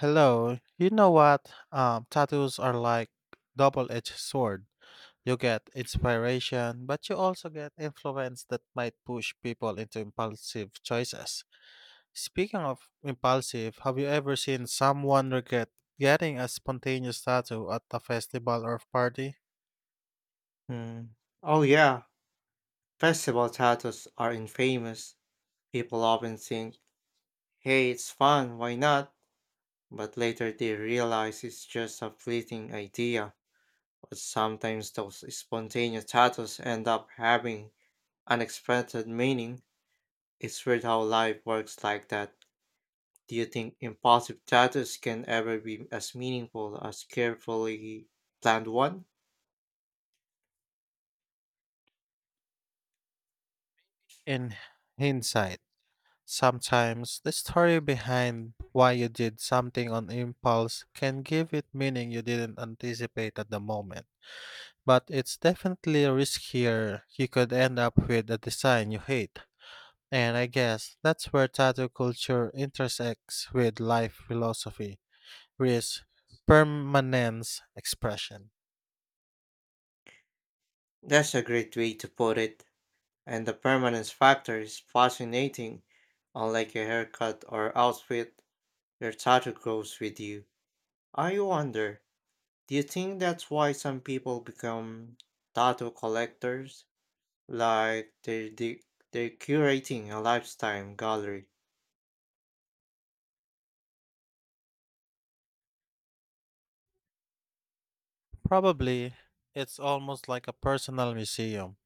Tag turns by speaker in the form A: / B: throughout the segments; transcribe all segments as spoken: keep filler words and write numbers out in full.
A: Hello. You know what? Um, tattoos are like double-edged sword. You get inspiration, but you also get influence that might push people into impulsive choices. Speaking of impulsive, have you ever seen someone regret getting a spontaneous tattoo at a festival or party?
B: Hmm. Oh yeah, festival tattoos are infamous. People often think hey, it's fun, why not? But later they realize it's just a fleeting idea. But sometimes those spontaneous tattoos end up having unexpected meaning. It's weird how life works like that. Do you think impulsive tattoos can ever be as meaningful as carefully planned one?
A: In hindsight, sometimes the story behind why you did something on impulse can give it meaning you didn't anticipate at the moment. But it's definitely riskier. You could end up with a design you hate. And I guess that's where tattoo culture intersects with life philosophy, risk, permanence, expression.
B: That's a great way to put it. And the permanence factor is fascinating. Unlike a haircut or outfit, your tattoo grows with you. I wonder. Do you think that's why some people become tattoo collectors? Like they're, they, they're curating a lifetime gallery.
A: Probably, it's almost like a personal museum.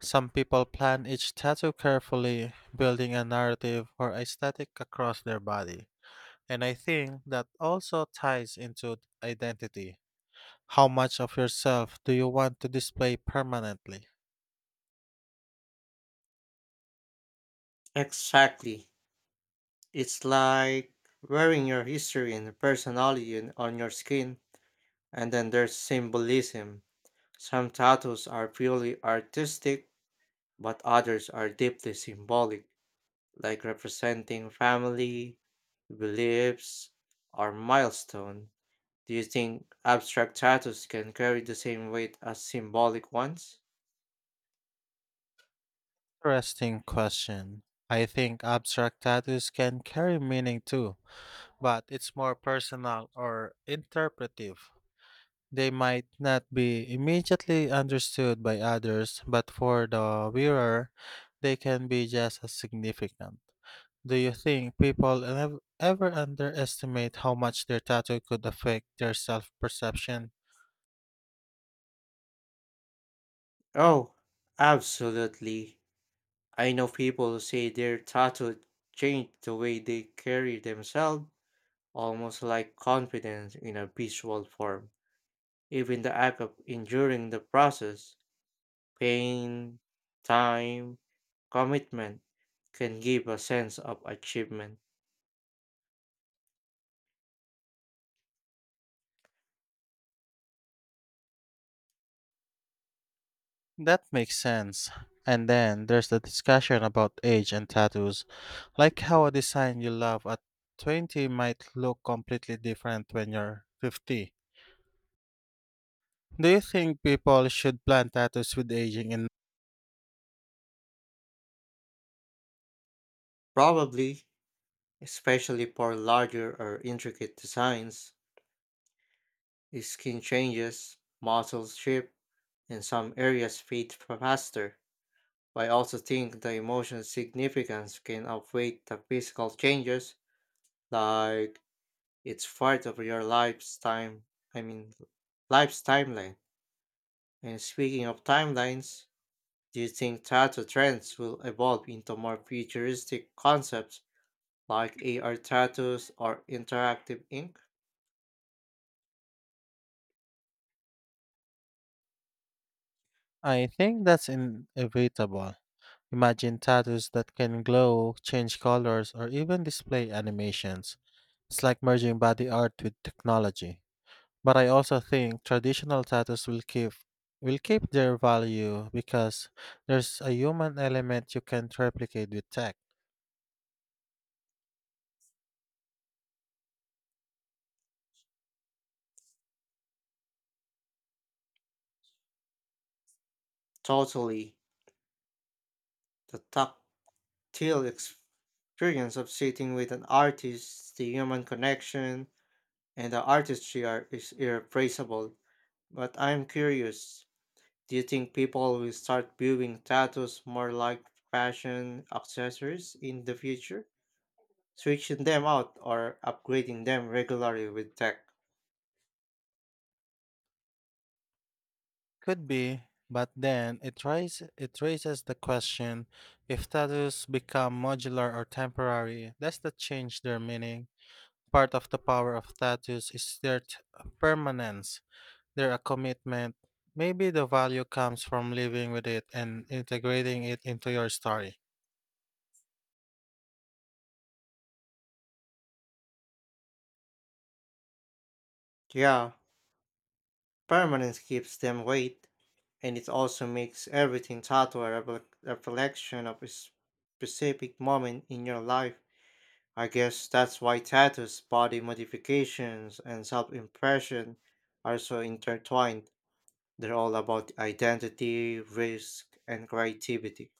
A: Some people plan each tattoo carefully, building a narrative or aesthetic across their body. And I think that also ties into identity. How much of yourself do you want to display permanently?
B: Exactly. It's like wearing your history and personality in- on your skin. And then there's symbolism. Some tattoos are purely artistic, but others are deeply symbolic, like representing family, beliefs, or milestone. Do you think abstract titles can carry the same weight as symbolic ones?
A: Interesting question. I think abstract tattoos can carry meaning too, but it's more personal or interpretive. They might not be immediately understood by others, but for the wearer, they can be just as significant. Do you think people ev- ever underestimate how much their tattoo could affect their self perception?
B: Oh, absolutely. I know people who say their tattoo changed the way they carry themselves, almost like confidence in a visual form. Even the act of enduring the process, pain, time, commitment, can give a sense of achievement.
A: That makes sense. And then there's the discussion about age and tattoos, like how a design you love at twenty might look completely different when you're fifty. Do you think people should plan tattoos with aging in.
B: Probably, especially for larger or intricate designs. Skin changes, muscles shift, and some areas fade faster. But I also think the emotional significance can outweigh the physical changes, like it's part of your life's time. I mean, life's timeline. And speaking of timelines, do you think tattoo trends will evolve into more futuristic concepts like A R tattoos or interactive ink?
A: I think that's inevitable. Imagine tattoos that can glow, change colors, or even display animations. It's like merging body art with technology. But I also think traditional tattoos will keep will keep their value because there's a human element you can't replicate with tech.
B: Totally. The tech tale experience of sitting with an artist, the human connection and the artistry are is irreplaceable. But I'm curious, do you think people will start viewing tattoos more like fashion accessories in the future, switching them out or upgrading them regularly with tech?
A: Could be, but then it tries it raises the question if tattoos become modular or temporary, does that change their meaning? Part of the power of tattoos is their t- permanence, They're a commitment. Maybe the value comes from living with it and integrating it into your story.
B: Yeah, permanence keeps them weight, and it also makes everything tattoo a reflec- reflection of a specific moment in your life. I guess that's why tattoos, body modifications, and self impression are so intertwined. They're all about identity, risk, and creativity.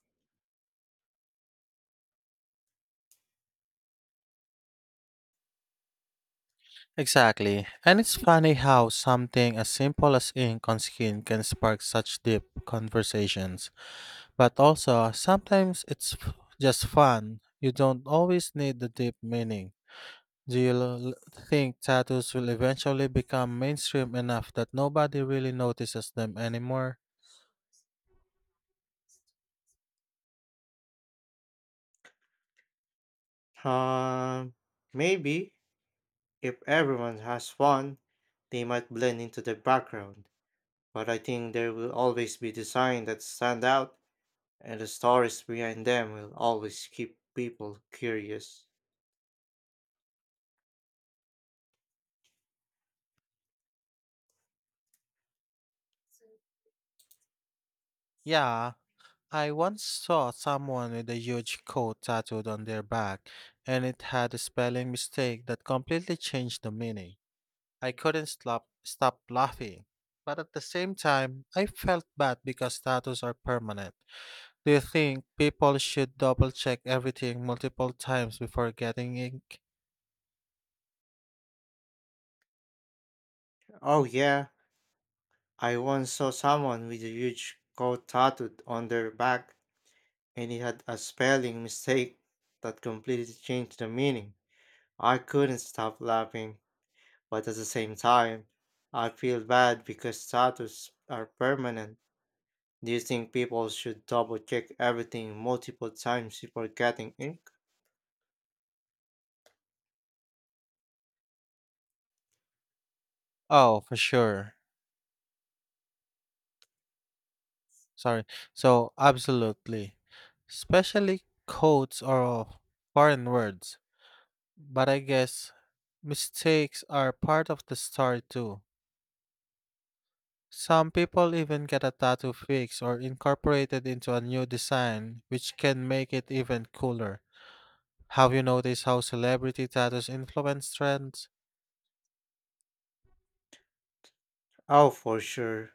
A: Exactly. And it's funny how something as simple as ink on skin can spark such deep conversations. But also, sometimes it's f- just fun. You don't always need the deep meaning. Do you l- think tattoos will eventually become mainstream enough that nobody really notices them anymore?
B: Um, maybe if everyone has one, they might blend into the background. But I think there will always be design that stand out, and the stories behind them will always keep people curious.
A: Yeah, I once saw someone with a huge coat tattooed on their back, and it had a spelling mistake that completely changed the meaning. I couldn't stop, stop laughing. But at the same time, I felt bad because tattoos are permanent. Do you think people should double check everything multiple times before getting ink?
B: Oh yeah, I once saw someone with a huge coat tattooed on their back and it had a spelling mistake that completely changed the meaning. I couldn't stop laughing, but at the same time, I feel bad because status are permanent. Do you think people should double check everything multiple times before getting ink?
A: Oh, for sure. Sorry. So, absolutely. Especially codes or foreign words. But I guess mistakes are part of the story too. Some people even get a tattoo fixed or incorporated into a new design, which can make it even cooler. Have you noticed how celebrity tattoos influence trends?
B: Oh, for sure.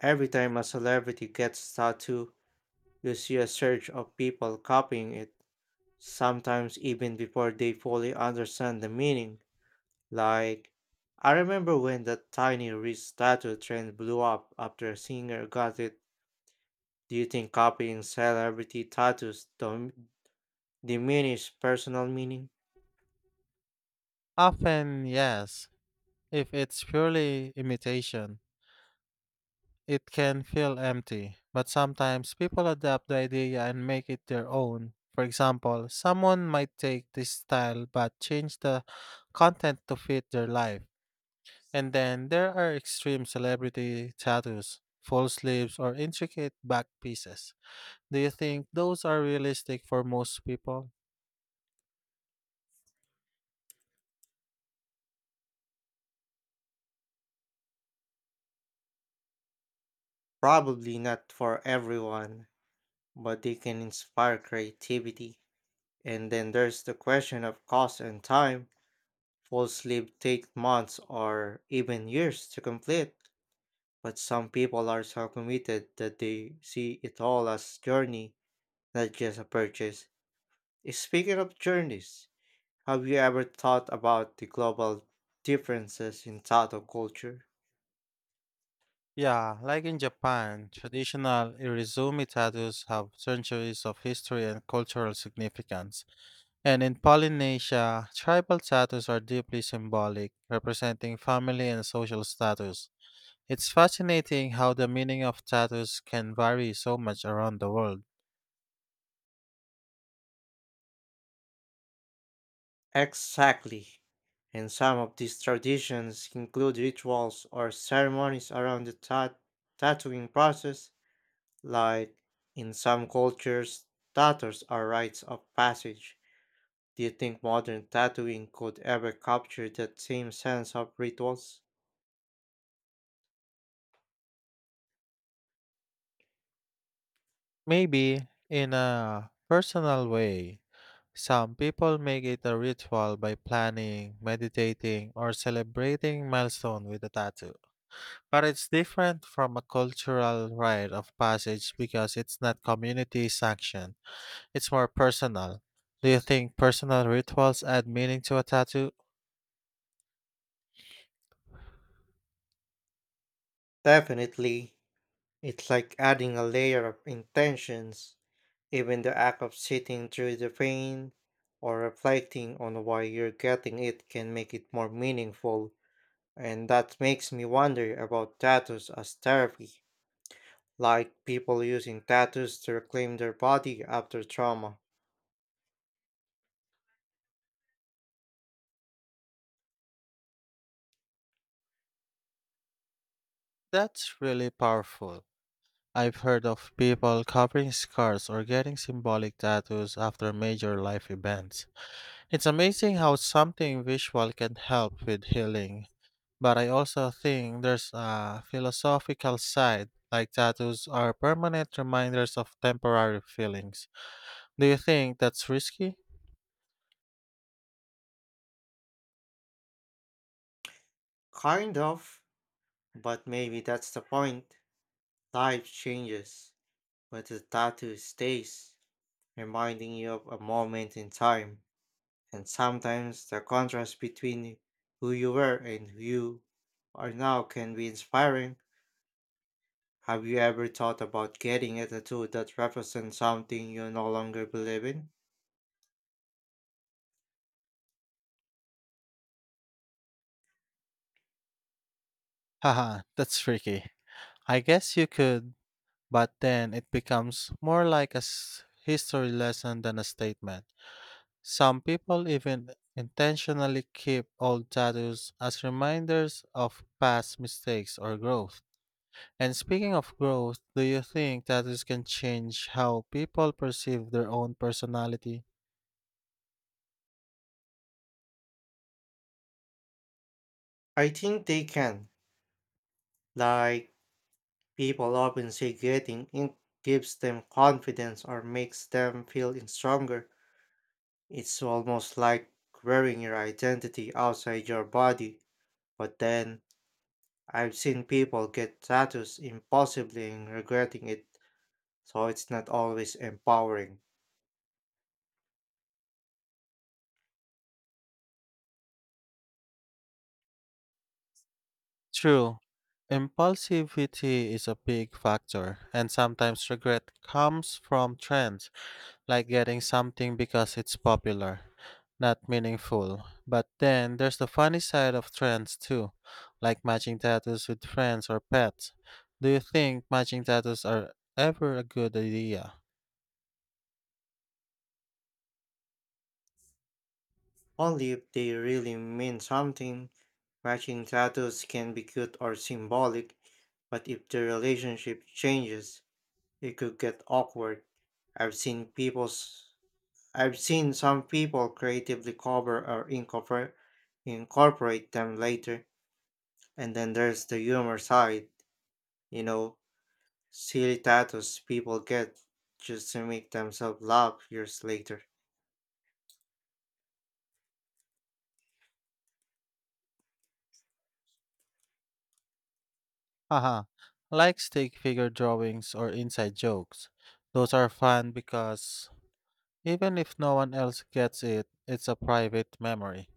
B: Every time a celebrity gets tattoo, you see a surge of people copying it, sometimes even before they fully understand the meaning. Like, I remember when that tiny wrist tattoo trend blew up after a singer got it. Do you think copying celebrity tattoos do diminish personal meaning?
A: Often, yes. If it's purely imitation, it can feel empty, but sometimes people adapt the idea and make it their own. For example, someone might take this style but change the content to fit their life. And then there are extreme celebrity tattoos, full sleeves, or intricate back pieces. Do you think those are realistic for most people?
B: Probably not for everyone, but they can inspire creativity. And then there's the question of cost and time. Full sleeve takes months or even years to complete, but some people are so committed that they see it all as journey, not just a purchase. Speaking of journeys, have you ever thought about the global differences in tattoo culture?
A: Yeah, like in Japan, traditional irizumi tattoos have centuries of history and cultural significance. And in Polynesia, tribal tattoos are deeply symbolic, representing family and social status. It's fascinating how the meaning of tattoos can vary so much around the world.
B: Exactly. And some of these traditions include rituals or ceremonies around the tat- tattooing process, like in some cultures, tattoos are rites of passage. Do you think modern tattooing could ever capture that same sense of rituals?
A: Maybe, in a personal way, some people make it a ritual by planning, meditating, or celebrating milestone with a tattoo. But it's different from a cultural rite of passage because it's not community sanctioned. It's more personal. Do you think personal rituals add meaning to a tattoo?
B: Definitely. It's like adding a layer of intentions, even the act of sitting through the pain or reflecting on why you're getting it can make it more meaningful. And that makes me wonder about tattoos as therapy, like people using tattoos to reclaim their body after trauma.
A: That's really powerful. I've heard of people covering scars or getting symbolic tattoos after major life events. It's amazing how something visual can help with healing, but I also think there's a philosophical side, like tattoos are permanent reminders of temporary feelings. Do you think that's risky?
B: Kind of, but maybe that's the point. Life changes, but the tattoo stays, reminding you of a moment in time. And sometimes the contrast between who you were and who you are now can be inspiring. Have you ever thought about getting a tattoo that represents something you no longer believe in?
A: Haha, that's tricky. I guess you could, but then it becomes more like a s- history lesson than a statement. Some people even intentionally keep old tattoos as reminders of past mistakes or growth. And speaking of growth, do you think tattoos can change how people perceive their own personality?
B: I think they can. Like, people often say getting ink gives them confidence or makes them feel in stronger. It's almost like wearing your identity outside your body. But then, I've seen people get tattoos impulsively and regretting it. So it's not always empowering.
A: True. Impulsivity is a big factor, and sometimes regret comes from trends, like getting something because it's popular, not meaningful. But then there's the funny side of trends too, like matching tattoos with friends or pets. Do you think matching tattoos are ever a good idea?
B: Only if they really mean something. Matching tattoos can be cute or symbolic, but if the relationship changes, it could get awkward. I've seen people's I've seen some people creatively cover or incorporate incorporate them later, and then there's the humor side, you know, silly tattoos people get just to make themselves laugh years later.
A: Haha, like stick figure drawings or inside jokes. Those are fun because even if no one else gets it, it's a private memory.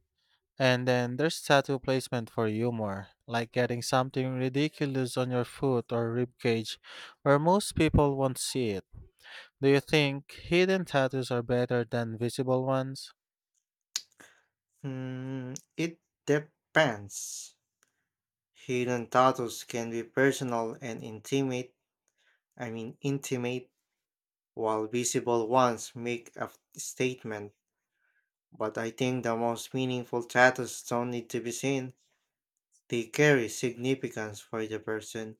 A: And then there's tattoo placement for humor, like getting something ridiculous on your foot or ribcage where most people won't see it. Do you think hidden tattoos are better than visible ones?
B: Hmm, it depends. Hidden tattoos can be personal and intimate, I mean intimate, while visible ones make a statement. But I think the most meaningful tattoos don't need to be seen. They carry significance for the person,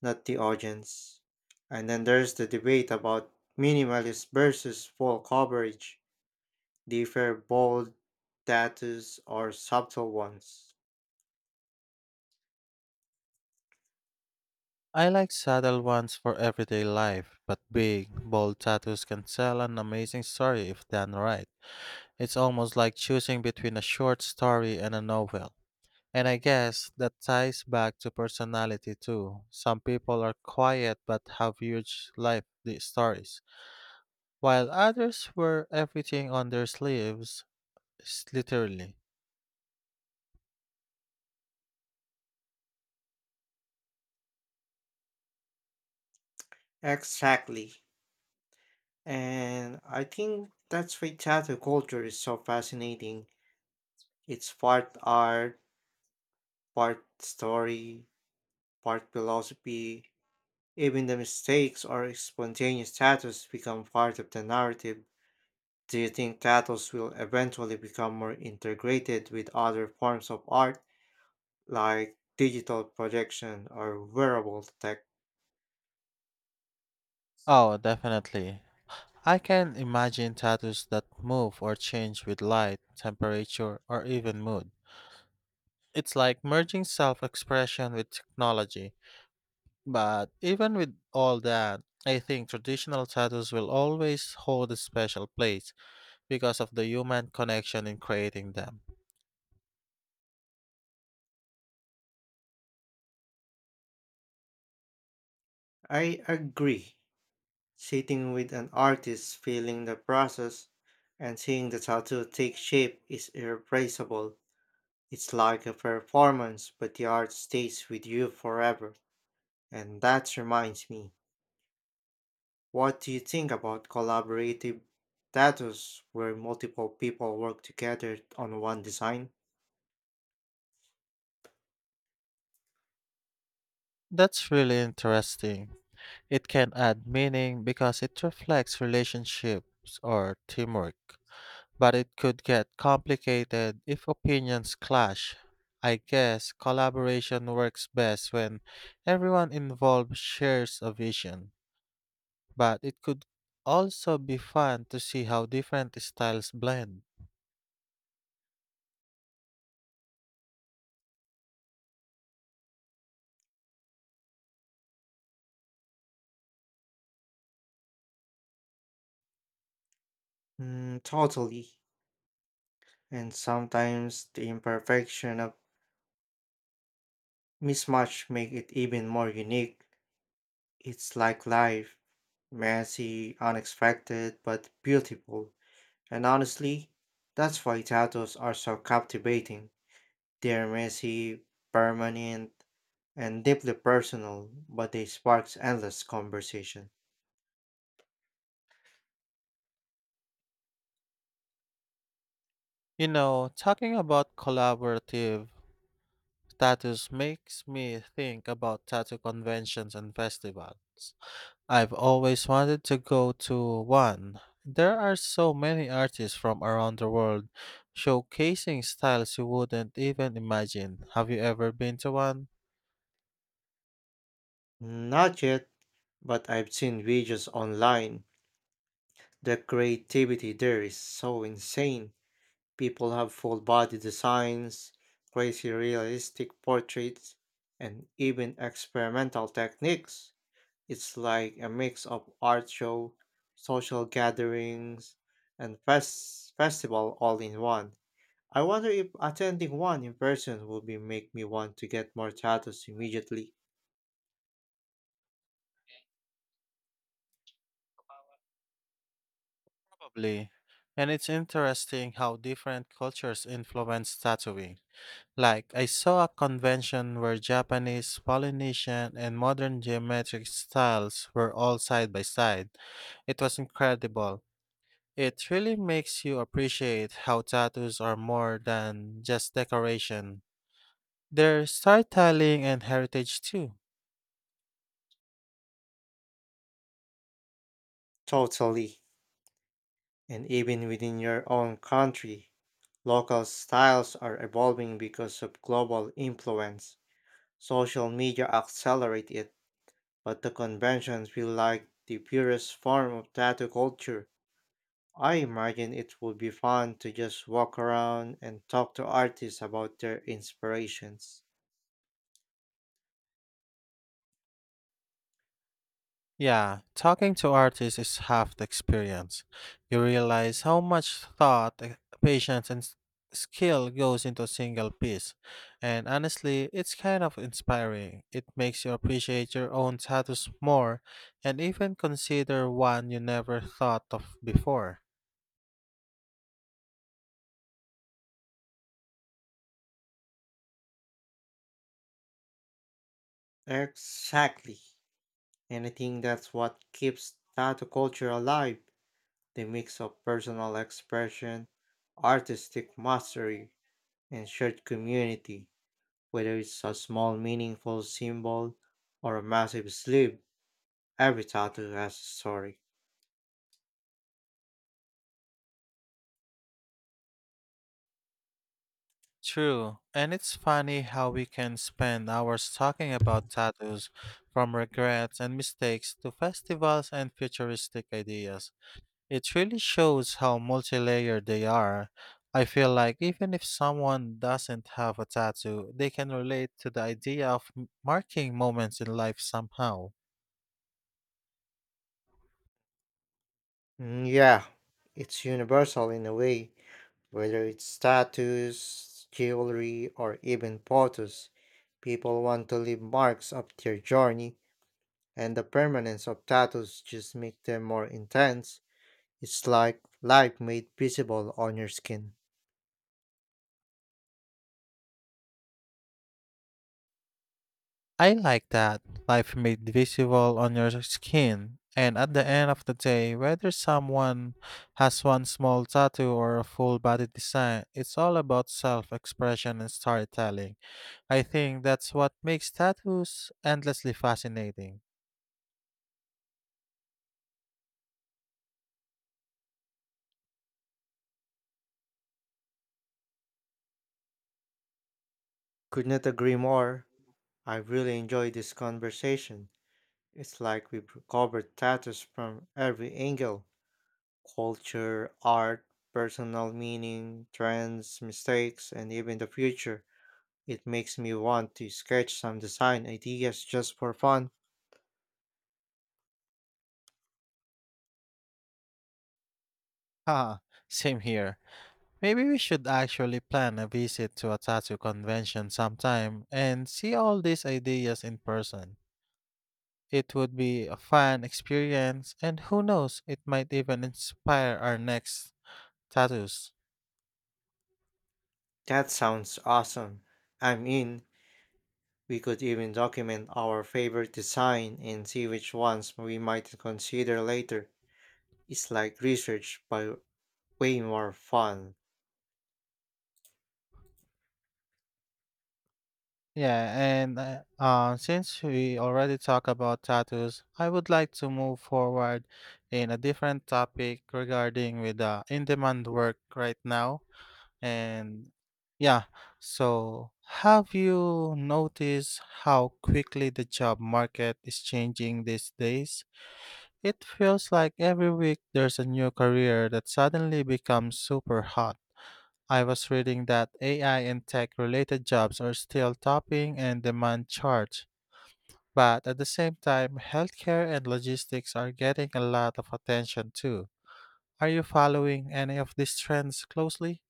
B: not the audience. And then there's the debate about minimalist versus full coverage. Differ bold tattoos or subtle ones.
A: I like subtle ones for everyday life, but big, bold tattoos can tell an amazing story if done right. It's almost like choosing between a short story and a novel. And I guess that ties back to personality too. Some people are quiet but have huge life di- stories, while others wear everything on their sleeves, s- literally.
B: Exactly. And I think that's why tattoo culture is so fascinating. It's part art, part story, part philosophy. Even the mistakes or spontaneous tattoos become part of the narrative. Do you think tattoos will eventually become more integrated with other forms of art, like digital projection or wearable tech?
A: Oh, definitely. I can imagine tattoos that move or change with light, temperature, or even mood. It's like merging self expression with technology. But even with all that, I think traditional tattoos will always hold a special place because of the human connection in creating them.
B: I agree. Sitting with an artist, feeling the process, and seeing the tattoo take shape is irreplaceable. It's like a performance, but the art stays with you forever. And that reminds me, what do you think about collaborative tattoos where multiple people work together on one design?
A: That's really interesting. It can add meaning because it reflects relationships or teamwork. But it could get complicated if opinions clash. I guess collaboration works best when everyone involved shares a vision. But it could also be fun to see how different styles blend.
B: Mm, totally. And sometimes the imperfection of mismatch make it even more unique. It's like life, messy, unexpected, but beautiful. And honestly, that's why tattoos are so captivating. They're messy, permanent, and deeply personal, but they sparks endless conversation.
A: You know, talking about collaborative tattoos makes me think about tattoo conventions and festivals. I've always wanted to go to one. There are so many artists from around the world showcasing styles you wouldn't even imagine. Have you ever been to one?
B: Not yet, but I've seen videos online. The creativity there is so insane. People have full body designs, crazy realistic portraits, and even experimental techniques. It's like a mix of art show, social gatherings, and fest- festival all in one. I wonder if attending one in person will be make me want to get more tattoos immediately.
A: Probably. And it's interesting how different cultures influence tattooing. Like, I saw a convention where Japanese, Polynesian, and modern geometric styles were all side by side. It was incredible. It really makes you appreciate how tattoos are more than just decoration. They're storytelling and heritage too.
B: Totally. And even within your own country, local styles are evolving because of global influence. Social media accelerate it, but the convention feel like the purest form of tattoo culture. I imagine it would be fun to just walk around and talk to artists about their inspirations.
A: Yeah, talking to artists is half the experience. You realize how much thought, e- patience, and s- skill goes into a single piece. And honestly, it's kind of inspiring. It makes you appreciate your own status more and even consider one you never thought of before.
B: Exactly. And I think that's what keeps tattoo culture alive. The mix of personal expression, artistic mastery, and shared community. Whether it's a small meaningful symbol or a massive sleeve, every tattoo has a story.
A: True, and it's funny how we can spend hours talking about tattoos from regrets and mistakes to festivals and futuristic ideas. It really shows how multi-layered they are. I feel like even if someone doesn't have a tattoo, they can relate to the idea of m- marking moments in life somehow.
B: Mm, yeah, it's universal in a way, whether it's tattoos, jewelry, or even photos. People want to leave marks of their journey, and the permanence of tattoos just make them more intense. It's like life made visible on your skin.
A: I like that life made visible on your skin. And at the end of the day, whether someone has one small tattoo or a full body design, it's all about self expression and storytelling. I think that's what makes tattoos endlessly fascinating.
B: Could not agree more. I really enjoyed this conversation. It's like we've covered tattoos from every angle, culture, art, personal meaning, trends, mistakes, and even the future. It makes me want to sketch some design ideas just for fun.
A: Ha, same here. Maybe we should actually plan a visit to a tattoo convention sometime and see all these ideas in person. It would be a fun experience, and who knows, it might even inspire our next tattoos.
B: That sounds awesome. I mean, we could even document our favorite design and see which ones we might consider later. It's like research, but way more fun.
A: Yeah, and uh, uh, since we already talked about tattoos, I would like to move forward in a different topic regarding with the in-demand work right now. And yeah, so have you noticed how quickly the job market is changing these days? It feels like every week there's a new career that suddenly becomes super hot. I was reading that A I and tech related jobs are still topping and demand charts, but at the same time, healthcare and logistics are getting a lot of attention too. Are you following any of these trends closely?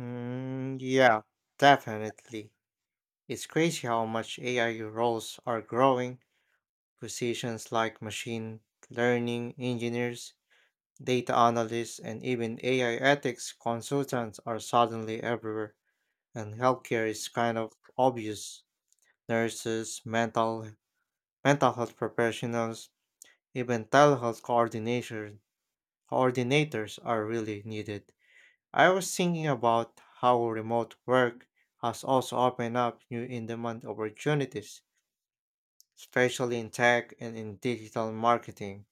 B: Mm, yeah, definitely. It's crazy how much A I roles are growing. Positions like machine learning engineers, data analysts, and even A I ethics consultants are suddenly everywhere. And healthcare is kind of obvious. Nurses, mental mental health professionals, even telehealth coordinators coordinators are really needed. I was thinking about how remote work has also opened up new in-demand opportunities, especially in tech and in digital marketing.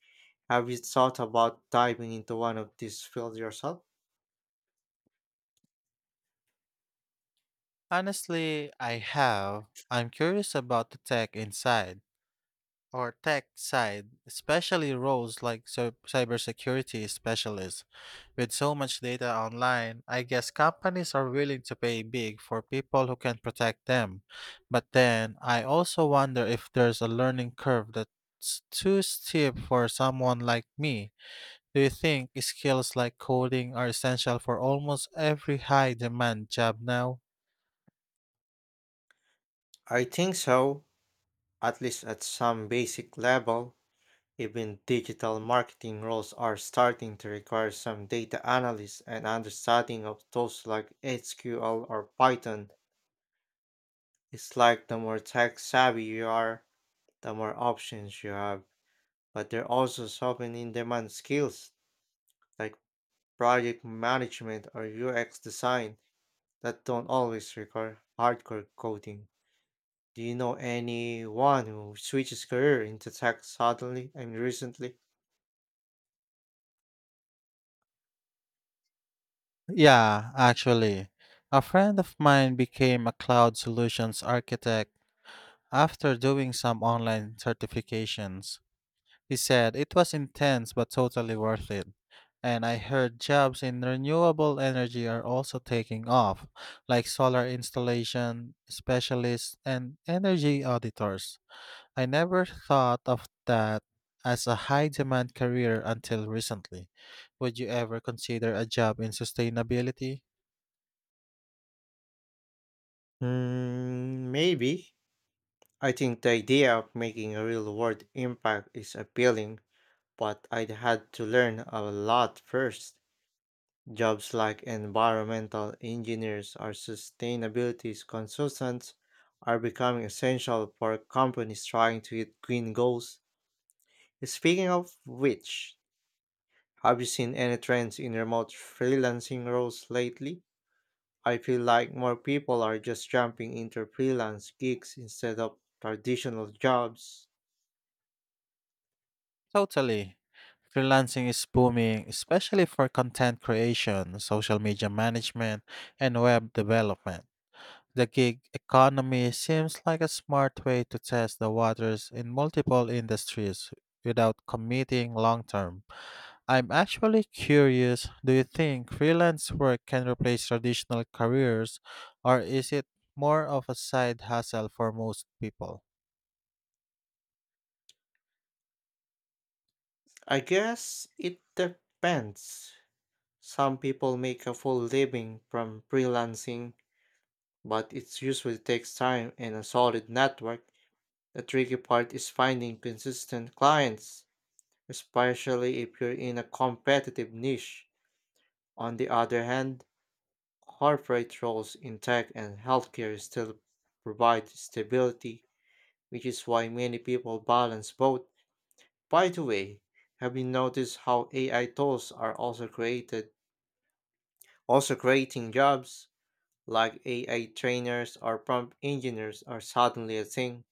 B: Have you thought about diving into one of these fields yourself?
A: Honestly, I have. I'm curious about the tech inside or tech side, especially roles like cy- cybersecurity specialists. With so much data online, I guess companies are willing to pay big for people who can protect them. But then I also wonder if there's a learning curve that's too steep for someone like me. Do you think skills like coding are essential for almost every high demand job now?
B: I think so, at least at some basic level. Even digital marketing roles are starting to require some data analysis and understanding of tools like S Q L or Python. It's like the more tech savvy you are, the more options you have. But there are also so many in demand skills like project management or U X design that don't always require hardcore coding. Do you know anyone who switches career into tech suddenly and recently?
A: Yeah, actually. A friend of mine became a cloud solutions architect after doing some online certifications. He said it was intense but totally worth it. And I heard jobs in renewable energy are also taking off, like solar installation specialists and energy auditors. I never thought of that as a high demand career until recently. Would you ever consider a job in sustainability?
B: Mm, maybe. I think the idea of making a real world impact is appealing, but I'd had to learn a lot first. Jobs like environmental engineers or sustainability consultants are becoming essential for companies trying to hit green goals. Speaking of which, have you seen any trends in remote freelancing roles lately? I feel like more people are just jumping into freelance gigs instead of traditional jobs.
A: Totally. Freelancing is booming, especially for content creation, social media management, and web development. The gig economy seems like a smart way to test the waters in multiple industries without committing long term. I'm actually curious, do you think freelance work can replace traditional careers, or is it more of a side hustle for most people?
B: I guess it depends. Some people make a full living from freelancing, but it usually takes time and a solid network. The tricky part is finding consistent clients, especially if you're in a competitive niche. On the other hand, corporate roles in tech and healthcare still provide stability, which is why many people balance both. By the way, have you noticed how A I tools are also created, also creating jobs like A I trainers or prompt engineers are suddenly a thing?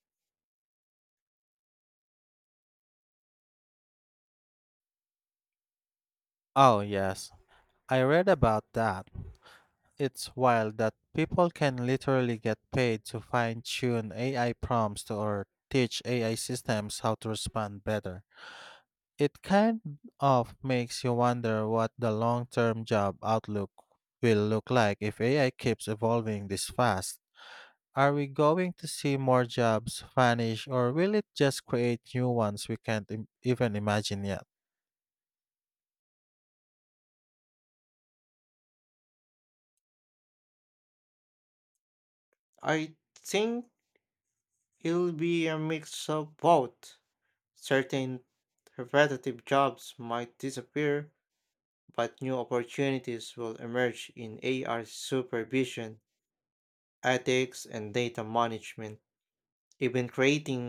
A: Oh, yes. I read about that. It's wild that people can literally get paid to fine tune A I prompts or teach A I systems how to respond better. It kind of makes you wonder what the long term job outlook will look like if A I keeps evolving this fast. Are we going to see more jobs vanish or will it just create new ones we can't im- even imagine yet?
B: I think it'll be a mix of both. Certain repetitive jobs might disappear, but new opportunities will emerge in A R supervision, ethics, and data management. Even creating